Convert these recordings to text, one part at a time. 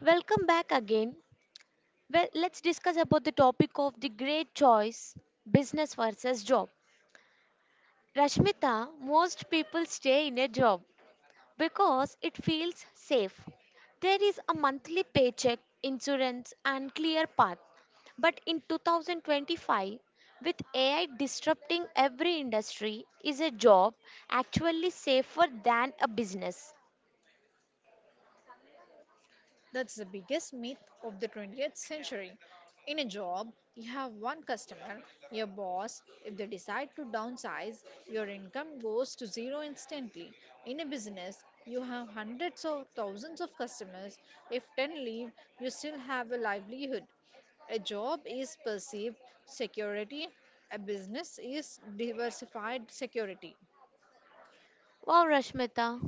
Welcome back again. Well, let's discuss about the topic of the great choice, business versus job. Rashmita, most people stay in a job because it feels safe. There is a monthly paycheck, insurance and clear path. But in 2025, with AI disrupting every industry, is a job actually safer than a business? That's the biggest myth of the 20th century. In a job, you have one customer, your boss. If they decide to downsize, your income goes to zero instantly. In a business, you have hundreds or thousands of customers. If 10 leave, you still have a livelihood. A job is perceived security, a business is diversified security. Wow, Rashmita.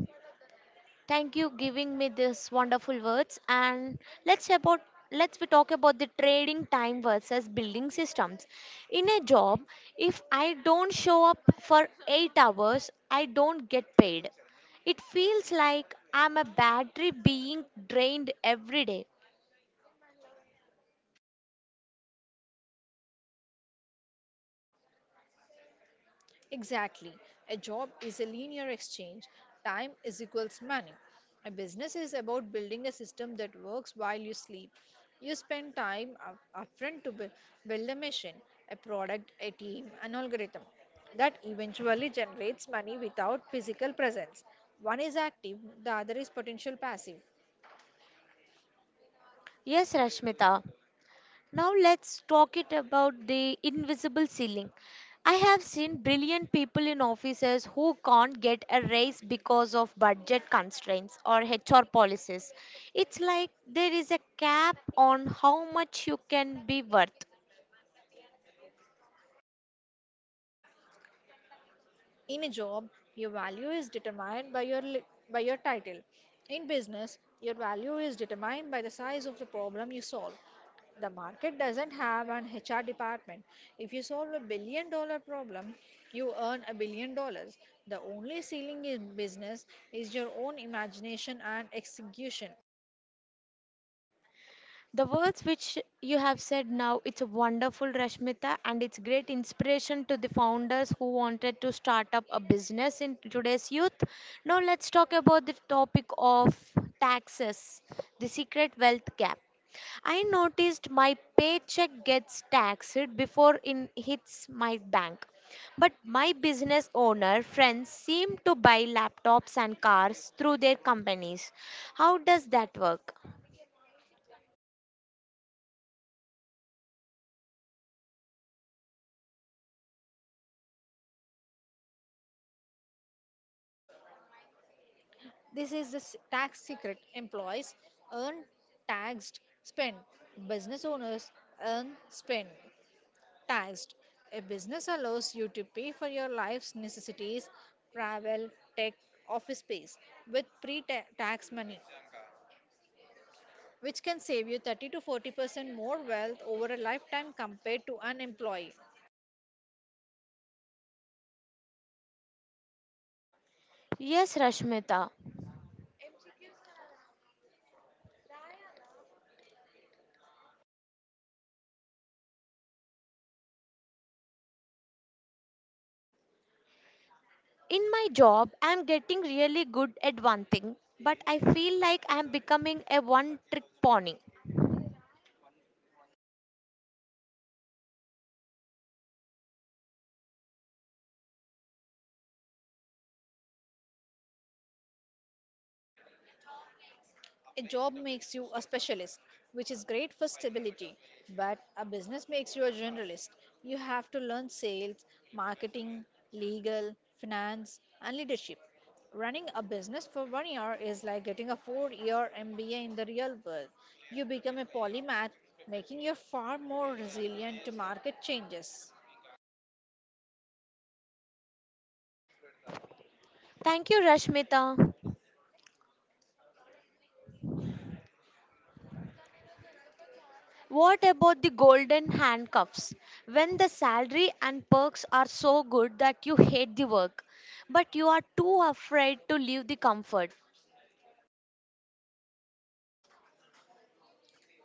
Thank you giving me this wonderful words and let's about let's we talk about the trading time versus building systems. In a job, if I don't show up for 8 hours, I don't get paid. It feels like I'm a battery being drained every day. Exactly. A job is a linear exchange. Time is equals money. A business is about building a system that works while you sleep. You spend time upfront to build a machine, a product, a team, an algorithm that eventually generates money without physical presence. One is active, the other is potential passive. Yes, Rashmita. Now let's talk it about the invisible ceiling. I have seen brilliant people in offices who can't get a raise because of budget constraints or HR policies. It's like there is a cap on how much you can be worth. In a job, your value is determined by by your title. In business, your value is determined by the size of the problem you solve. The market doesn't have an HR department. If you solve a $1 billion problem, you earn $1 billion. The only ceiling in business is your own imagination and execution. The words which you have said now, it's wonderful, Rashmita, and it's great inspiration to the founders who wanted to start up a business in today's youth. Now, let's talk about the topic of taxes, the secret wealth gap. I noticed my paycheck gets taxed before it hits my bank. But my business owner friends seem to buy laptops and cars through their companies. How does that work? This is the tax secret. Employees earn, taxed, spend. Business owners earn, spend, taxed. A business allows you to pay for your life's necessities, travel, tech, office space with pre tax money, which can save you 30 to 40% more wealth over a lifetime compared to an employee. Yes, Rashmita. In my job, I'm getting really good at one thing, but I feel like I'm becoming a one trick pony. A job makes you a specialist, which is great for stability, but a business makes you a generalist. You have to learn sales, marketing, legal, finance, and leadership. Running a business for 1 year is like getting a 4 year MBA in the real world. You become a polymath, making you far more resilient to market changes. Thank you, Rashmita. What about the golden handcuffs? When the salary and perks are so good that you hate the work, but you are too afraid to leave the comfort.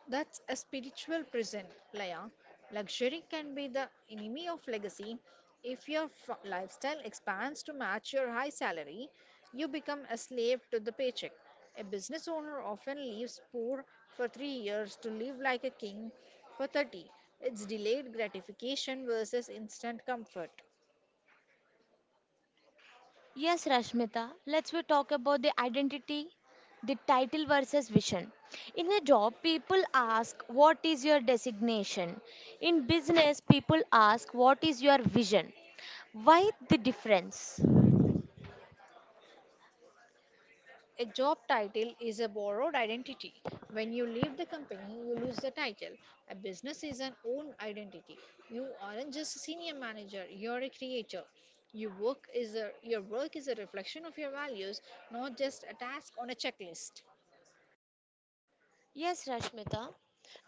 That's a spiritual prison, Laya. Luxury can be the enemy of legacy. If your lifestyle expands to match your high salary, you become a slave to the paycheck. A business owner often leaves poor for 3 years to live like a king for 30. It's delayed gratification versus instant comfort. Yes, Rashmita, let's we talk about the identity, the title versus vision. In a job, people ask, "What is your designation?" In business, people ask, "What is your vision?" Why the difference? A job title is a borrowed identity. When you leave the company, you lose the title. A business is an own identity. You aren't just a senior manager, you're a creator. Your work is a reflection of your values, not just a task on a checklist. Yes, Rashmita.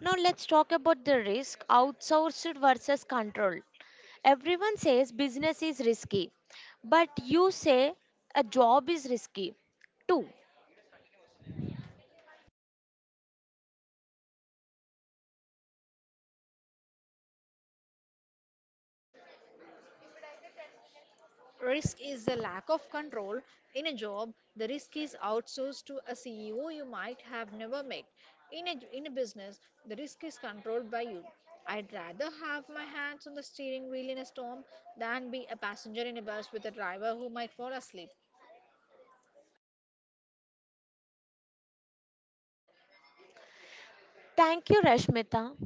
Now let's talk about the risk outsourced versus control. Everyone says business is risky, but you say a job is risky too. Risk is the lack of control. In a job, the risk is outsourced to a CEO you might have never met. In a business, the risk is controlled by you. I'd rather have my hands on the steering wheel in a storm than be a passenger in a bus with a driver who might fall asleep. Thank you, Rashmita.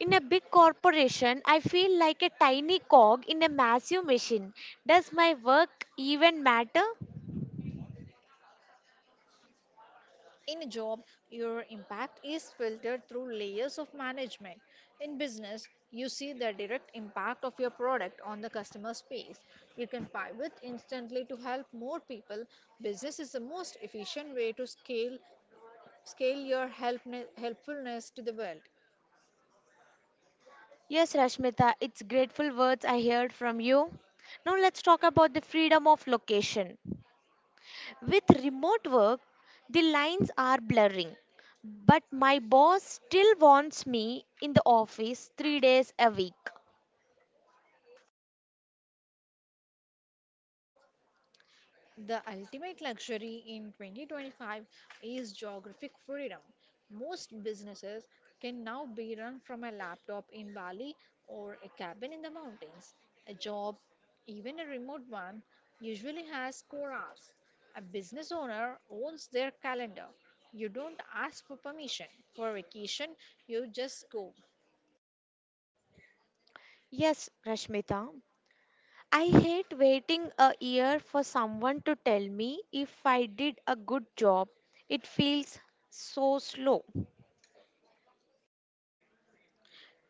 In a big corporation, I feel like a tiny cog in a massive machine. Does my work even matter? In a job, your impact is filtered through layers of management. In business, you see the direct impact of your product on the customer space. You can pivot instantly to help more people. Business is the most efficient way to scale your helpfulness to the world. Yes, Rashmita, it's grateful words I heard from you. Now let's talk about the freedom of location. With remote work, the lines are blurring, but my boss still wants me in the office 3 days a week. The ultimate luxury in 2025 is geographic freedom. Most businesses can now be run from a laptop in Bali or a cabin in the mountains. A job, even a remote one, usually has core hours. A business owner owns their calendar. You don't ask for permission for vacation, you just go. Yes, Rashmita, I hate waiting a year for someone to tell me if I did a good job. It feels so slow.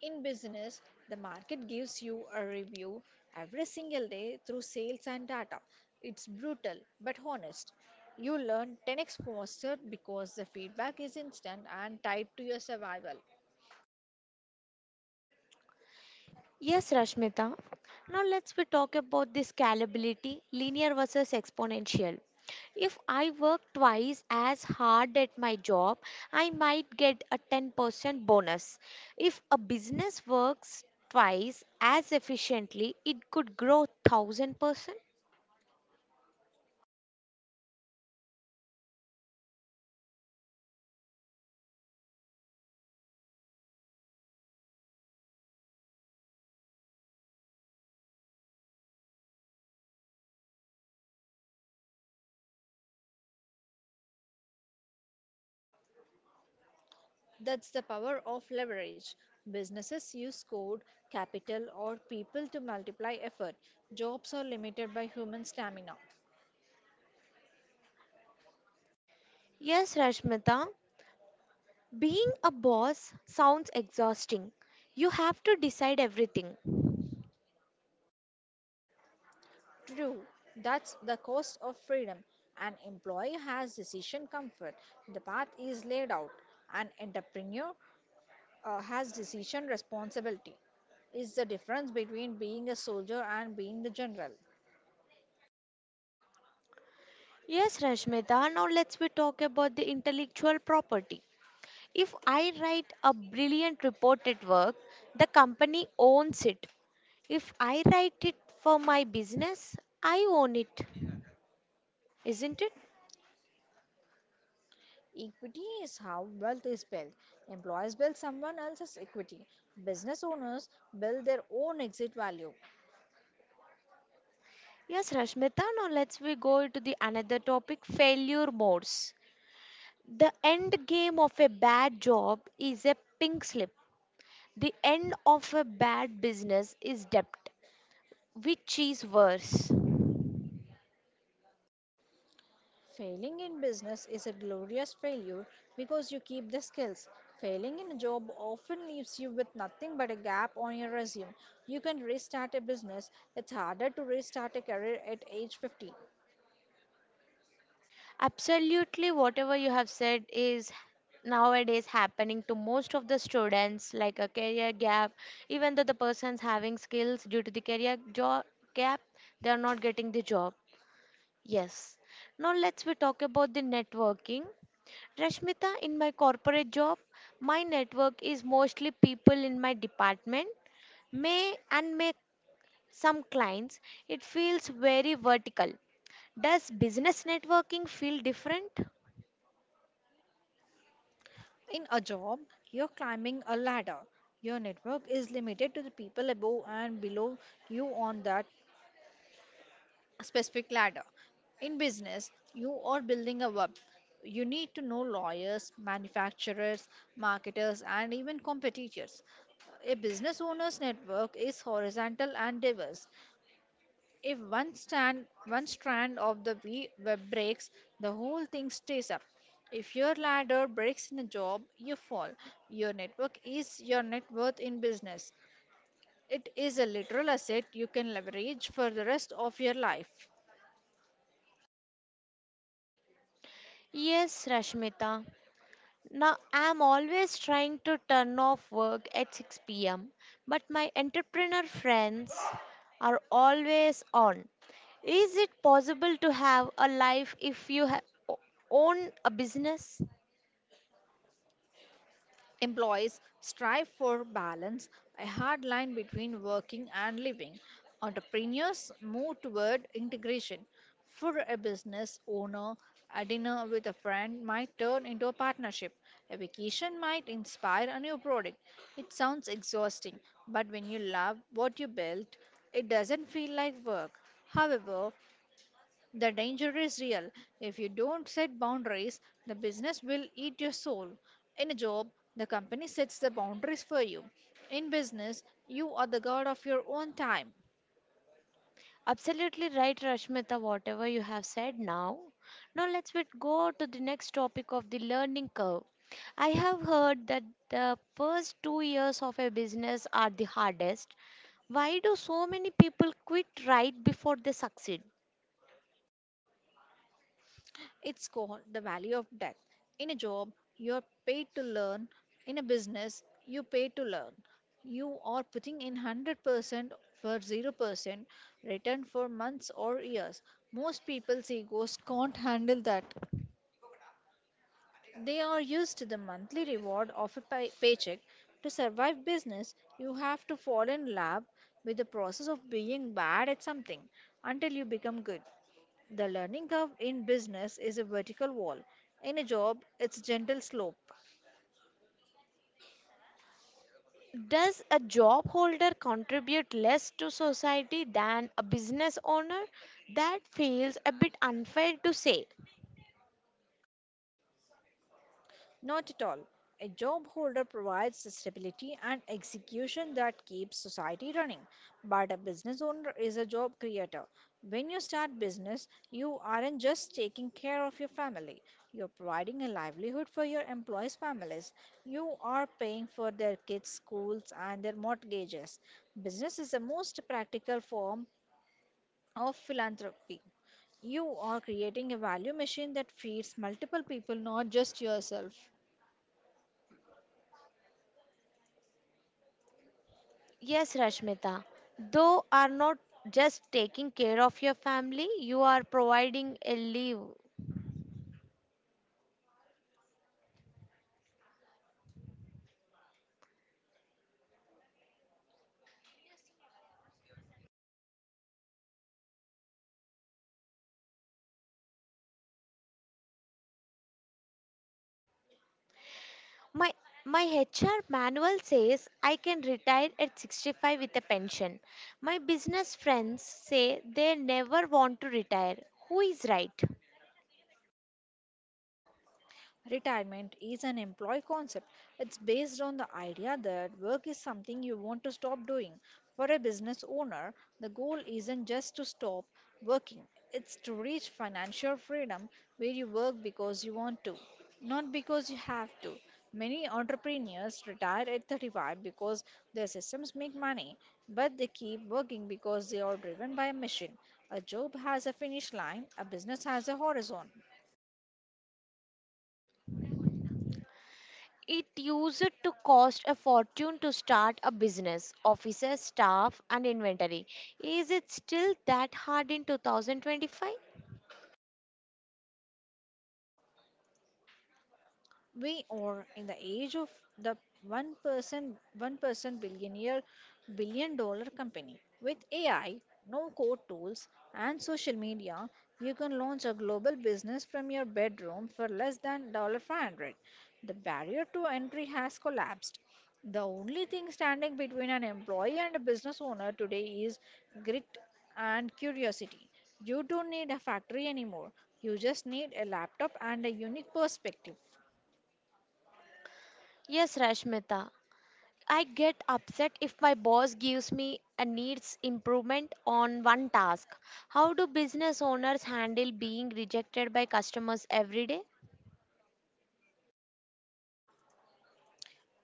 In business, the market gives you a review every single day through sales and data. It's brutal but honest. You learn 10x faster because the feedback is instant and tied to your survival. Yes, Rashmita. Now let's we talk about the scalability, linear versus exponential. If I work twice as hard at my job, I might get a 10% bonus. If a business works twice as efficiently, it could grow 1000%. That's the power of leverage. Businesses use code, capital, or people to multiply effort. Jobs are limited by human stamina. Yes, Rashmita. Being a boss sounds exhausting. You have to decide everything. True, that's the cost of freedom. An employee has decision comfort, the path is laid out. An entrepreneur has decision responsibility. Is the difference between being a soldier and being the general. Yes, Rashmita, now let's we talk about the intellectual property. If I write a brilliant report at work, the company owns it. If I write it for my business, I own it. Isn't it? Equity is how wealth is built. Employees build someone else's equity. Business owners build their own exit value. Yes, Rashmita, now let's we go to the another topic, failure modes. The end game of a bad job is a pink slip. The end of a bad business is debt, which is worse. Failing in business is a glorious failure because you keep the skills. Failing in a job often leaves you with nothing but a gap on your resume. You can restart a business, it's harder to restart a career at age 50. Absolutely, whatever you have said is nowadays happening to most of the students, like a career gap. Even though the person's having skills due to the career job gap, they are not getting the job. Yes. Now let's we talk about the networking. Rashmita, in my corporate job, my network is mostly people in my department may and may some clients, it feels very vertical. Does business networking feel different? In a job, you're climbing a ladder. Your network is limited to the people above and below you on that specific ladder. In business, you are building a web. You need to know lawyers, manufacturers, marketers, and even competitors. A business owner's network is horizontal and diverse. If one strand of the web breaks, the whole thing stays up. If your ladder breaks in a job, you fall. Your network is your net worth in business. It is a literal asset you can leverage for the rest of your life. Yes, Rashmita. Now I'm always trying to turn off work at 6 p.m., but my entrepreneur friends are always on. Is it possible to have a life if you o- own a business? Employees strive for balance, a hard line between working and living. Entrepreneurs move toward integration. For a business owner, a dinner with a friend might turn into a partnership. A vacation might inspire a new product. It sounds exhausting, but when you love what you built, it doesn't feel like work. However, the danger is real. If you don't set boundaries, the business will eat your soul. In a job, the company sets the boundaries for you. In business, you are the god of your own time. Absolutely right, Rashmita, whatever you have said now. Now let's bit go to the next topic of the learning curve. I have heard that the first 2 years of a business are the hardest. Why do so many people quit right before they succeed? It's called the value of death. In a job, you are paid to learn. In a business, you pay to learn. You are putting in 100% for 0% return for months or years. Most people's egos can't handle that. They are used to the monthly reward of a paycheck. To survive business, you have to fall in love with the process of being bad at something until you become good. The learning curve in business is a vertical wall. In a job, it's a gentle slope. Does a job holder contribute less to society than a business owner? That feels a bit unfair to say. Not at all. A job holder provides the stability and execution that keeps society running, but a business owner is a job creator. When you start business, you aren't just taking care of your family. You're providing a livelihood for your employees' families. You are paying for their kids' schools and their mortgages. Business is the most practical form of philanthropy. You are creating a value machine that feeds multiple people, not just yourself. Yes, Rashmita. Though are not just taking care of your family, you are providing a leave. My my HR manual says I can retire at 65 with a pension. My business friends say they never want to retire. Who is right? Retirement is an employee concept. It's based on the idea that work is something you want to stop doing. For a business owner, the goal isn't just to stop working, it's to reach financial freedom where you work because you want to, not because you have to. Many entrepreneurs retire at 35 because their systems make money, but they keep working because they are driven by a mission. A job has a finish line, a business has a horizon. It used to cost a fortune to start a business, offices, staff, and inventory. Is it still that hard in 2025? We are in the age of the one person billionaire, $1 billion company. With AI, no code tools, and social media, you can launch a global business from your bedroom for less than $500. The barrier to entry has collapsed. The only thing standing between an employee and a business owner today is grit and curiosity. You don't need a factory anymore. You just need a laptop and a unique perspective. Yes, Rashmita. I get upset if my boss gives me a needs improvement on one task. How do business owners handle being rejected by customers every day?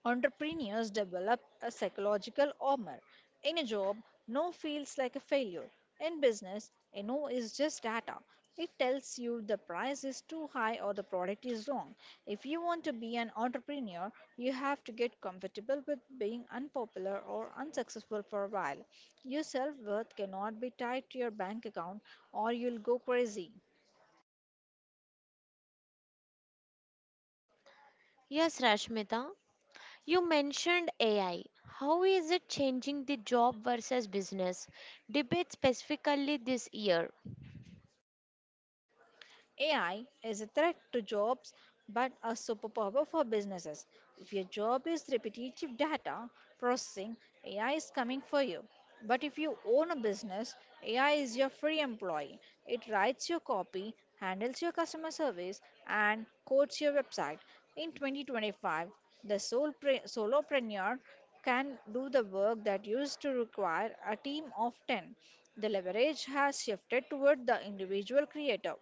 Entrepreneurs develop a psychological armor. In a job, no feels like a failure. In business, a no is just data. It tells you the price is too high or the product is wrong. If you want to be an entrepreneur, you have to get comfortable with being unpopular or unsuccessful for a while. Your self worth cannot be tied to your bank account or you'll go crazy. Yes, Rashmita. You mentioned AI. How is it changing the job versus business debate specifically this year? AI is a threat to jobs but a superpower for businesses. If your job is repetitive data processing, AI is coming for you. But if you own a business, AI is your free employee. It writes your copy, handles your customer service, and codes your website. In 2025, the solopreneur can do the work that used to require a team of 10. The leverage has shifted toward the individual creator.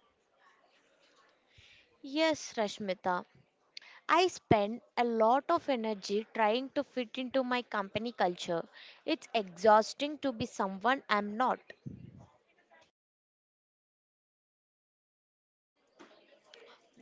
Yes, Rashmita. I spend a lot of energy trying to fit into my company culture. It's exhausting to be someone I'm not.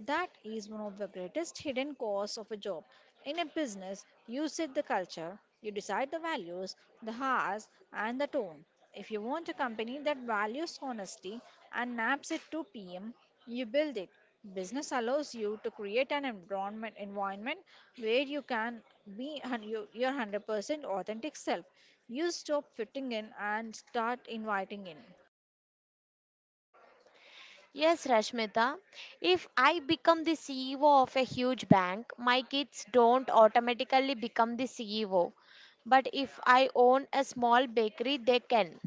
That is one of the greatest hidden costs of a job. In a business, you set the culture, you decide the values, the hours, and the tone. If you want a company that values honesty and naps at 2 p.m., you build it. Business allows you to create an environment where you can be your 100% authentic self. You stop fitting in and start inviting in. Yes, Rashmita, if I become the CEO of a huge bank, my kids don't automatically become the CEO. But if I own a small bakery, they can.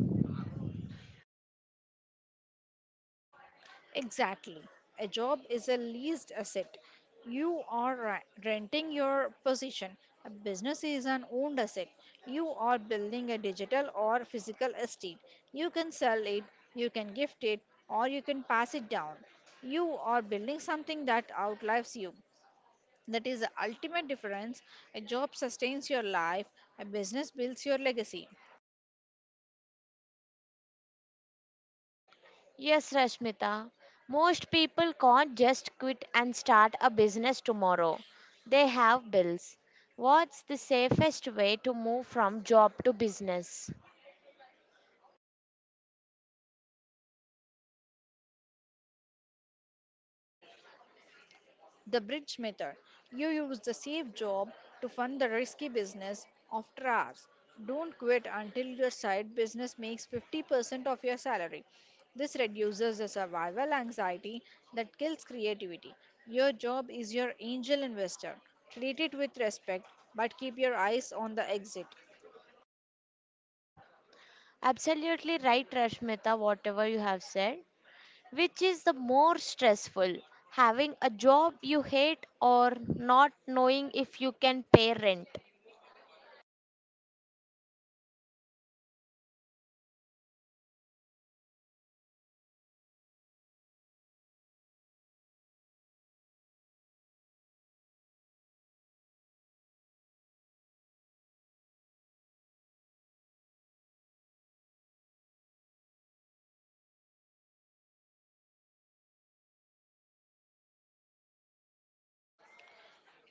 Exactly. A job is a leased asset. You are renting your position. A business is an owned asset. You are building a digital or physical estate. You can sell it, you can gift it, or you can pass it down. You are building something that outlives you. That is the ultimate difference. A job sustains your life, a business builds your legacy. Yes, Rashmita, most people can't just quit and start a business tomorrow. They have bills. What's the safest way to move from job to business? The bridge method. You use the safe job to fund the risky business after hours. Don't quit until your side business makes 50% of your salary. This reduces the survival anxiety that kills creativity. Your job is your angel investor. Treat it with respect, but keep your eyes on the exit. Absolutely right, Rashmita, whatever you have said. Which is the more stressful, having a job you hate or not knowing if you can pay rent?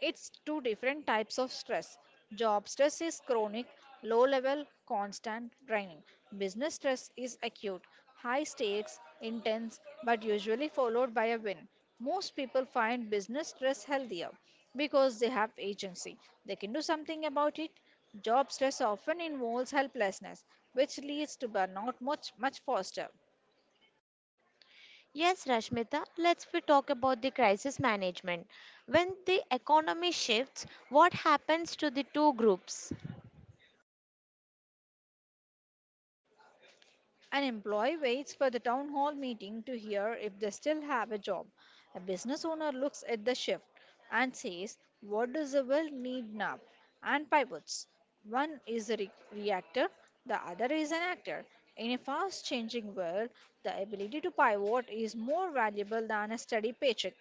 It's two different types of stress. Job stress is chronic, low level, constant draining. Business stress is acute, high stakes, intense, but usually followed by a win. Most people find business stress healthier because they have agency. They can do something about it. Job stress often involves helplessness, which leads to burnout much, much faster. Yes, Rashmita, let's we talk about the crisis management. When the economy shifts, what happens to the two groups? An employee waits for the town hall meeting to hear if they still have a job. A business owner looks at the shift and says, "What does the well need now?" and pivots. One is a reactor, the other is an actor. In a fast changing world, the ability to pivot is more valuable than a steady paycheck.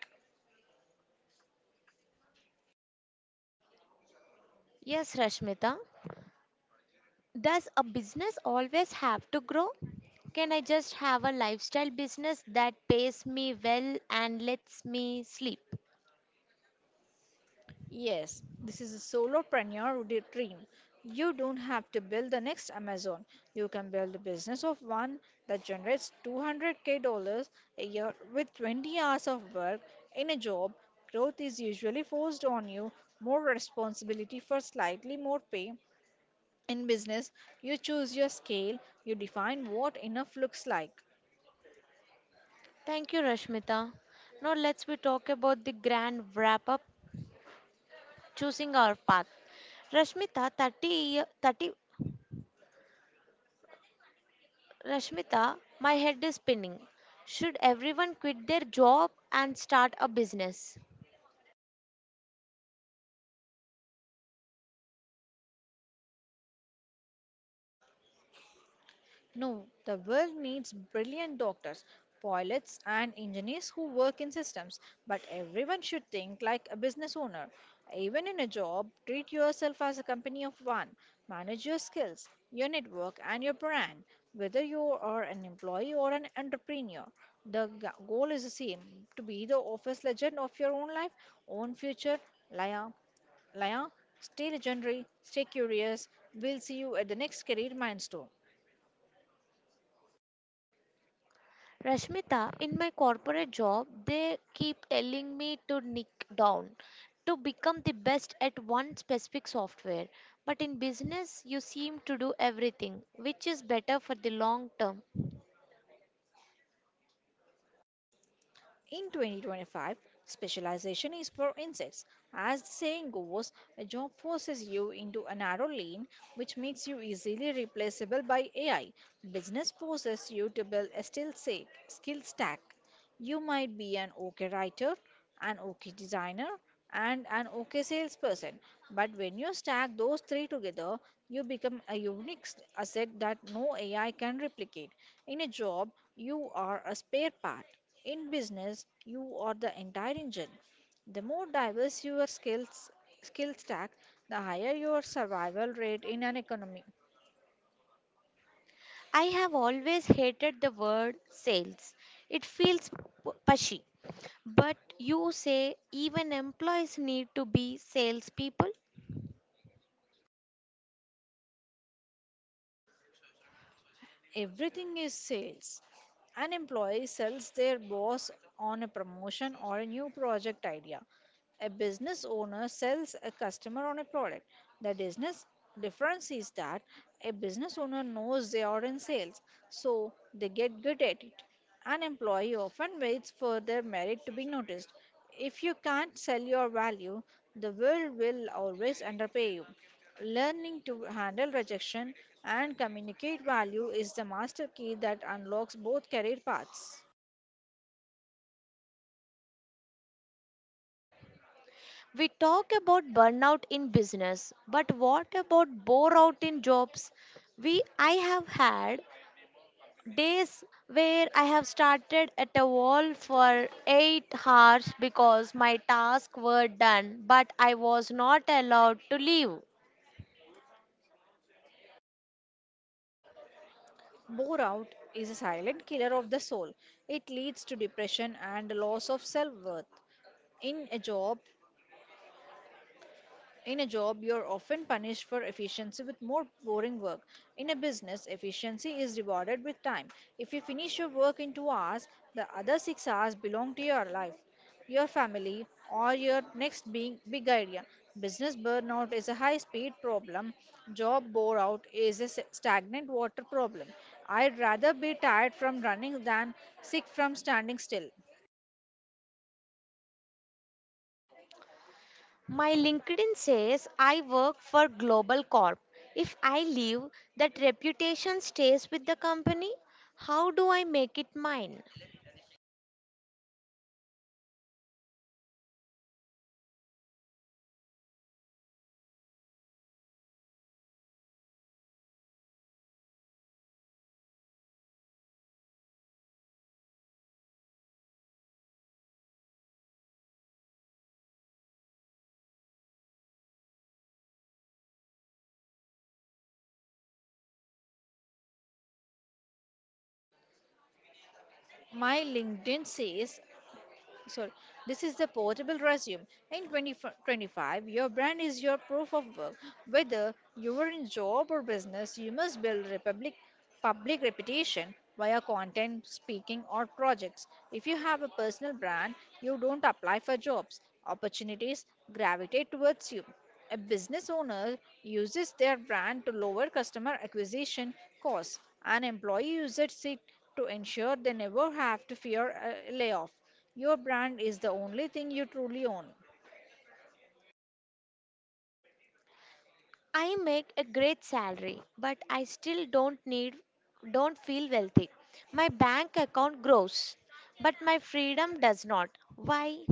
Yes, Rashmita, does a business always have to grow? Can I just have a lifestyle business that pays me well and lets me sleep? Yes, this is a solopreneur dream. You don't have to build the next Amazon. You can build a business of one that generates 200K dollars a year with 20 hours of work in a job. Growth is usually forced on you, more responsibility for slightly more pay. In business, you choose your scale, you define what enough looks like. Thank you, Rashmita. Now let's we talk about the grand wrap up choosing our path. Rashmita, 30, year- 30, Rashmita, my head is spinning. Should everyone quit their job and start a business? No, the world needs brilliant doctors, pilots, and engineers who work in systems. But everyone should think like a business owner. Even in a job, treat yourself as a company of one. Manage your skills, your network, and your brand. Whether you are an employee or an entrepreneur, the goal is the same: to be the office legend of your own life, own future. Liar, liar, stay legendary, stay curious. We'll see you at the next career milestone. Rashmita, in my corporate job, they keep telling me to nick down, to become the best at one specific software. But in business, you seem to do everything, which is better for the long term. In 2025, specialization is for insects. As the saying goes, a job forces you into a narrow lane which makes you easily replaceable by AI. Business forces you to build a skill stack. You might be an OK writer, an OK designer, and an OK salesperson. But when you stack those three together, you become a unique asset that no AI can replicate. In a job, you are a spare part. In business, you are the entire engine. The more diverse your skill stack, the higher your survival rate in an economy. I have always hated the word sales. It feels pushy. But you say even employees need to be salespeople? Everything is sales. An employee sells their boss on a promotion or a new project idea. A business owner sells a customer on a product. The business difference is that a business owner knows they are in sales, so they get good at it. An employee often waits for their merit to be noticed. If you can't sell your value, the world will always underpay you. Learning to handle rejection and communicate value is the master key that unlocks both career paths. We talk about burnout in business, but what about bore out in jobs? We I have had days where I have started at a wall for 8 hours because my tasks were done, but I was not allowed to leave. Bore-out is a silent killer of the soul. It leads to depression and loss of self-worth. In a job, in a job, you're often punished for efficiency with more boring work. In a business, efficiency is rewarded with time. If you finish your work in 2 hours, the other 6 hours belong to your life, your family, or your next big, big idea. Business burnout is a high speed problem. Job bore out is a stagnant water problem. I'd rather be tired from running than sick from standing still. My LinkedIn says I work for Global Corp. If I leave, that reputation stays with the company. How do I make it mine? My LinkedIn says, sorry, this is the portable resume. In 2025, your brand is your proof of work. Whether you are in job or business, you must build public reputation via content, speaking, or projects. If you have a personal brand, you don't apply for jobs. Opportunities gravitate towards you. A business owner uses their brand to lower customer acquisition costs. An employee uses it to ensure they never have to fear a layoff. Your brand is the only thing you truly own. I make a great salary, but I still don't feel wealthy. My bank account grows, but my freedom does not. Why?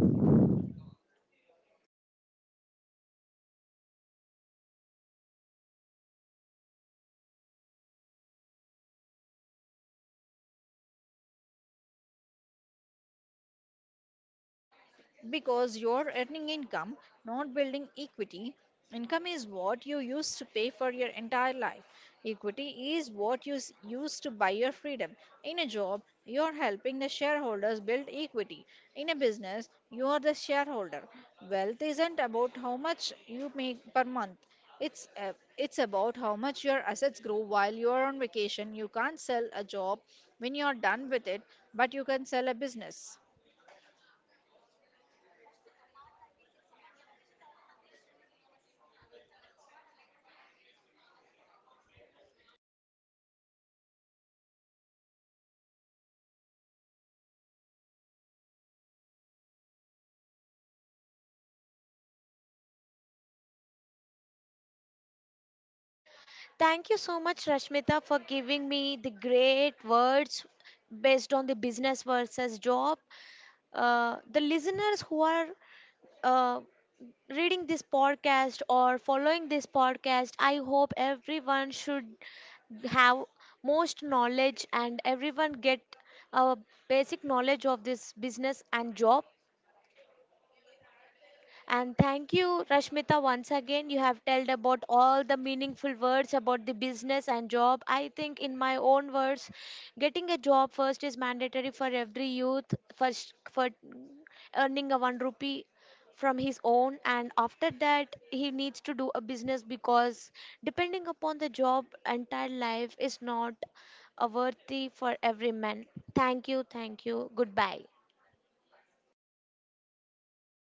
Because you're earning income, not building equity. Income is what you used to pay for your entire life. Equity is what you use to buy your freedom. In a job, you're helping the shareholders build equity. In a business, you are the shareholder. Wealth isn't about how much you make per month. It's about how much your assets grow while you are on vacation. You can't sell a job when you are done with it, but you can sell a business. Thank you so much, Rashmita, for giving me the great words based on the business versus job. The listeners who are uh, reading this podcast or following this podcast, I hope everyone should have most knowledge and everyone get a basic knowledge of this business and job, and thank you, Rashmita, once again. You have told about all the meaningful words about the business and job. I think, in my own words, getting a job first is mandatory for every youth. First, for earning a one rupee from his own, and after that he needs to do a business, because depending upon the job entire life is not a worthy for every man. Thank you, thank you, goodbye.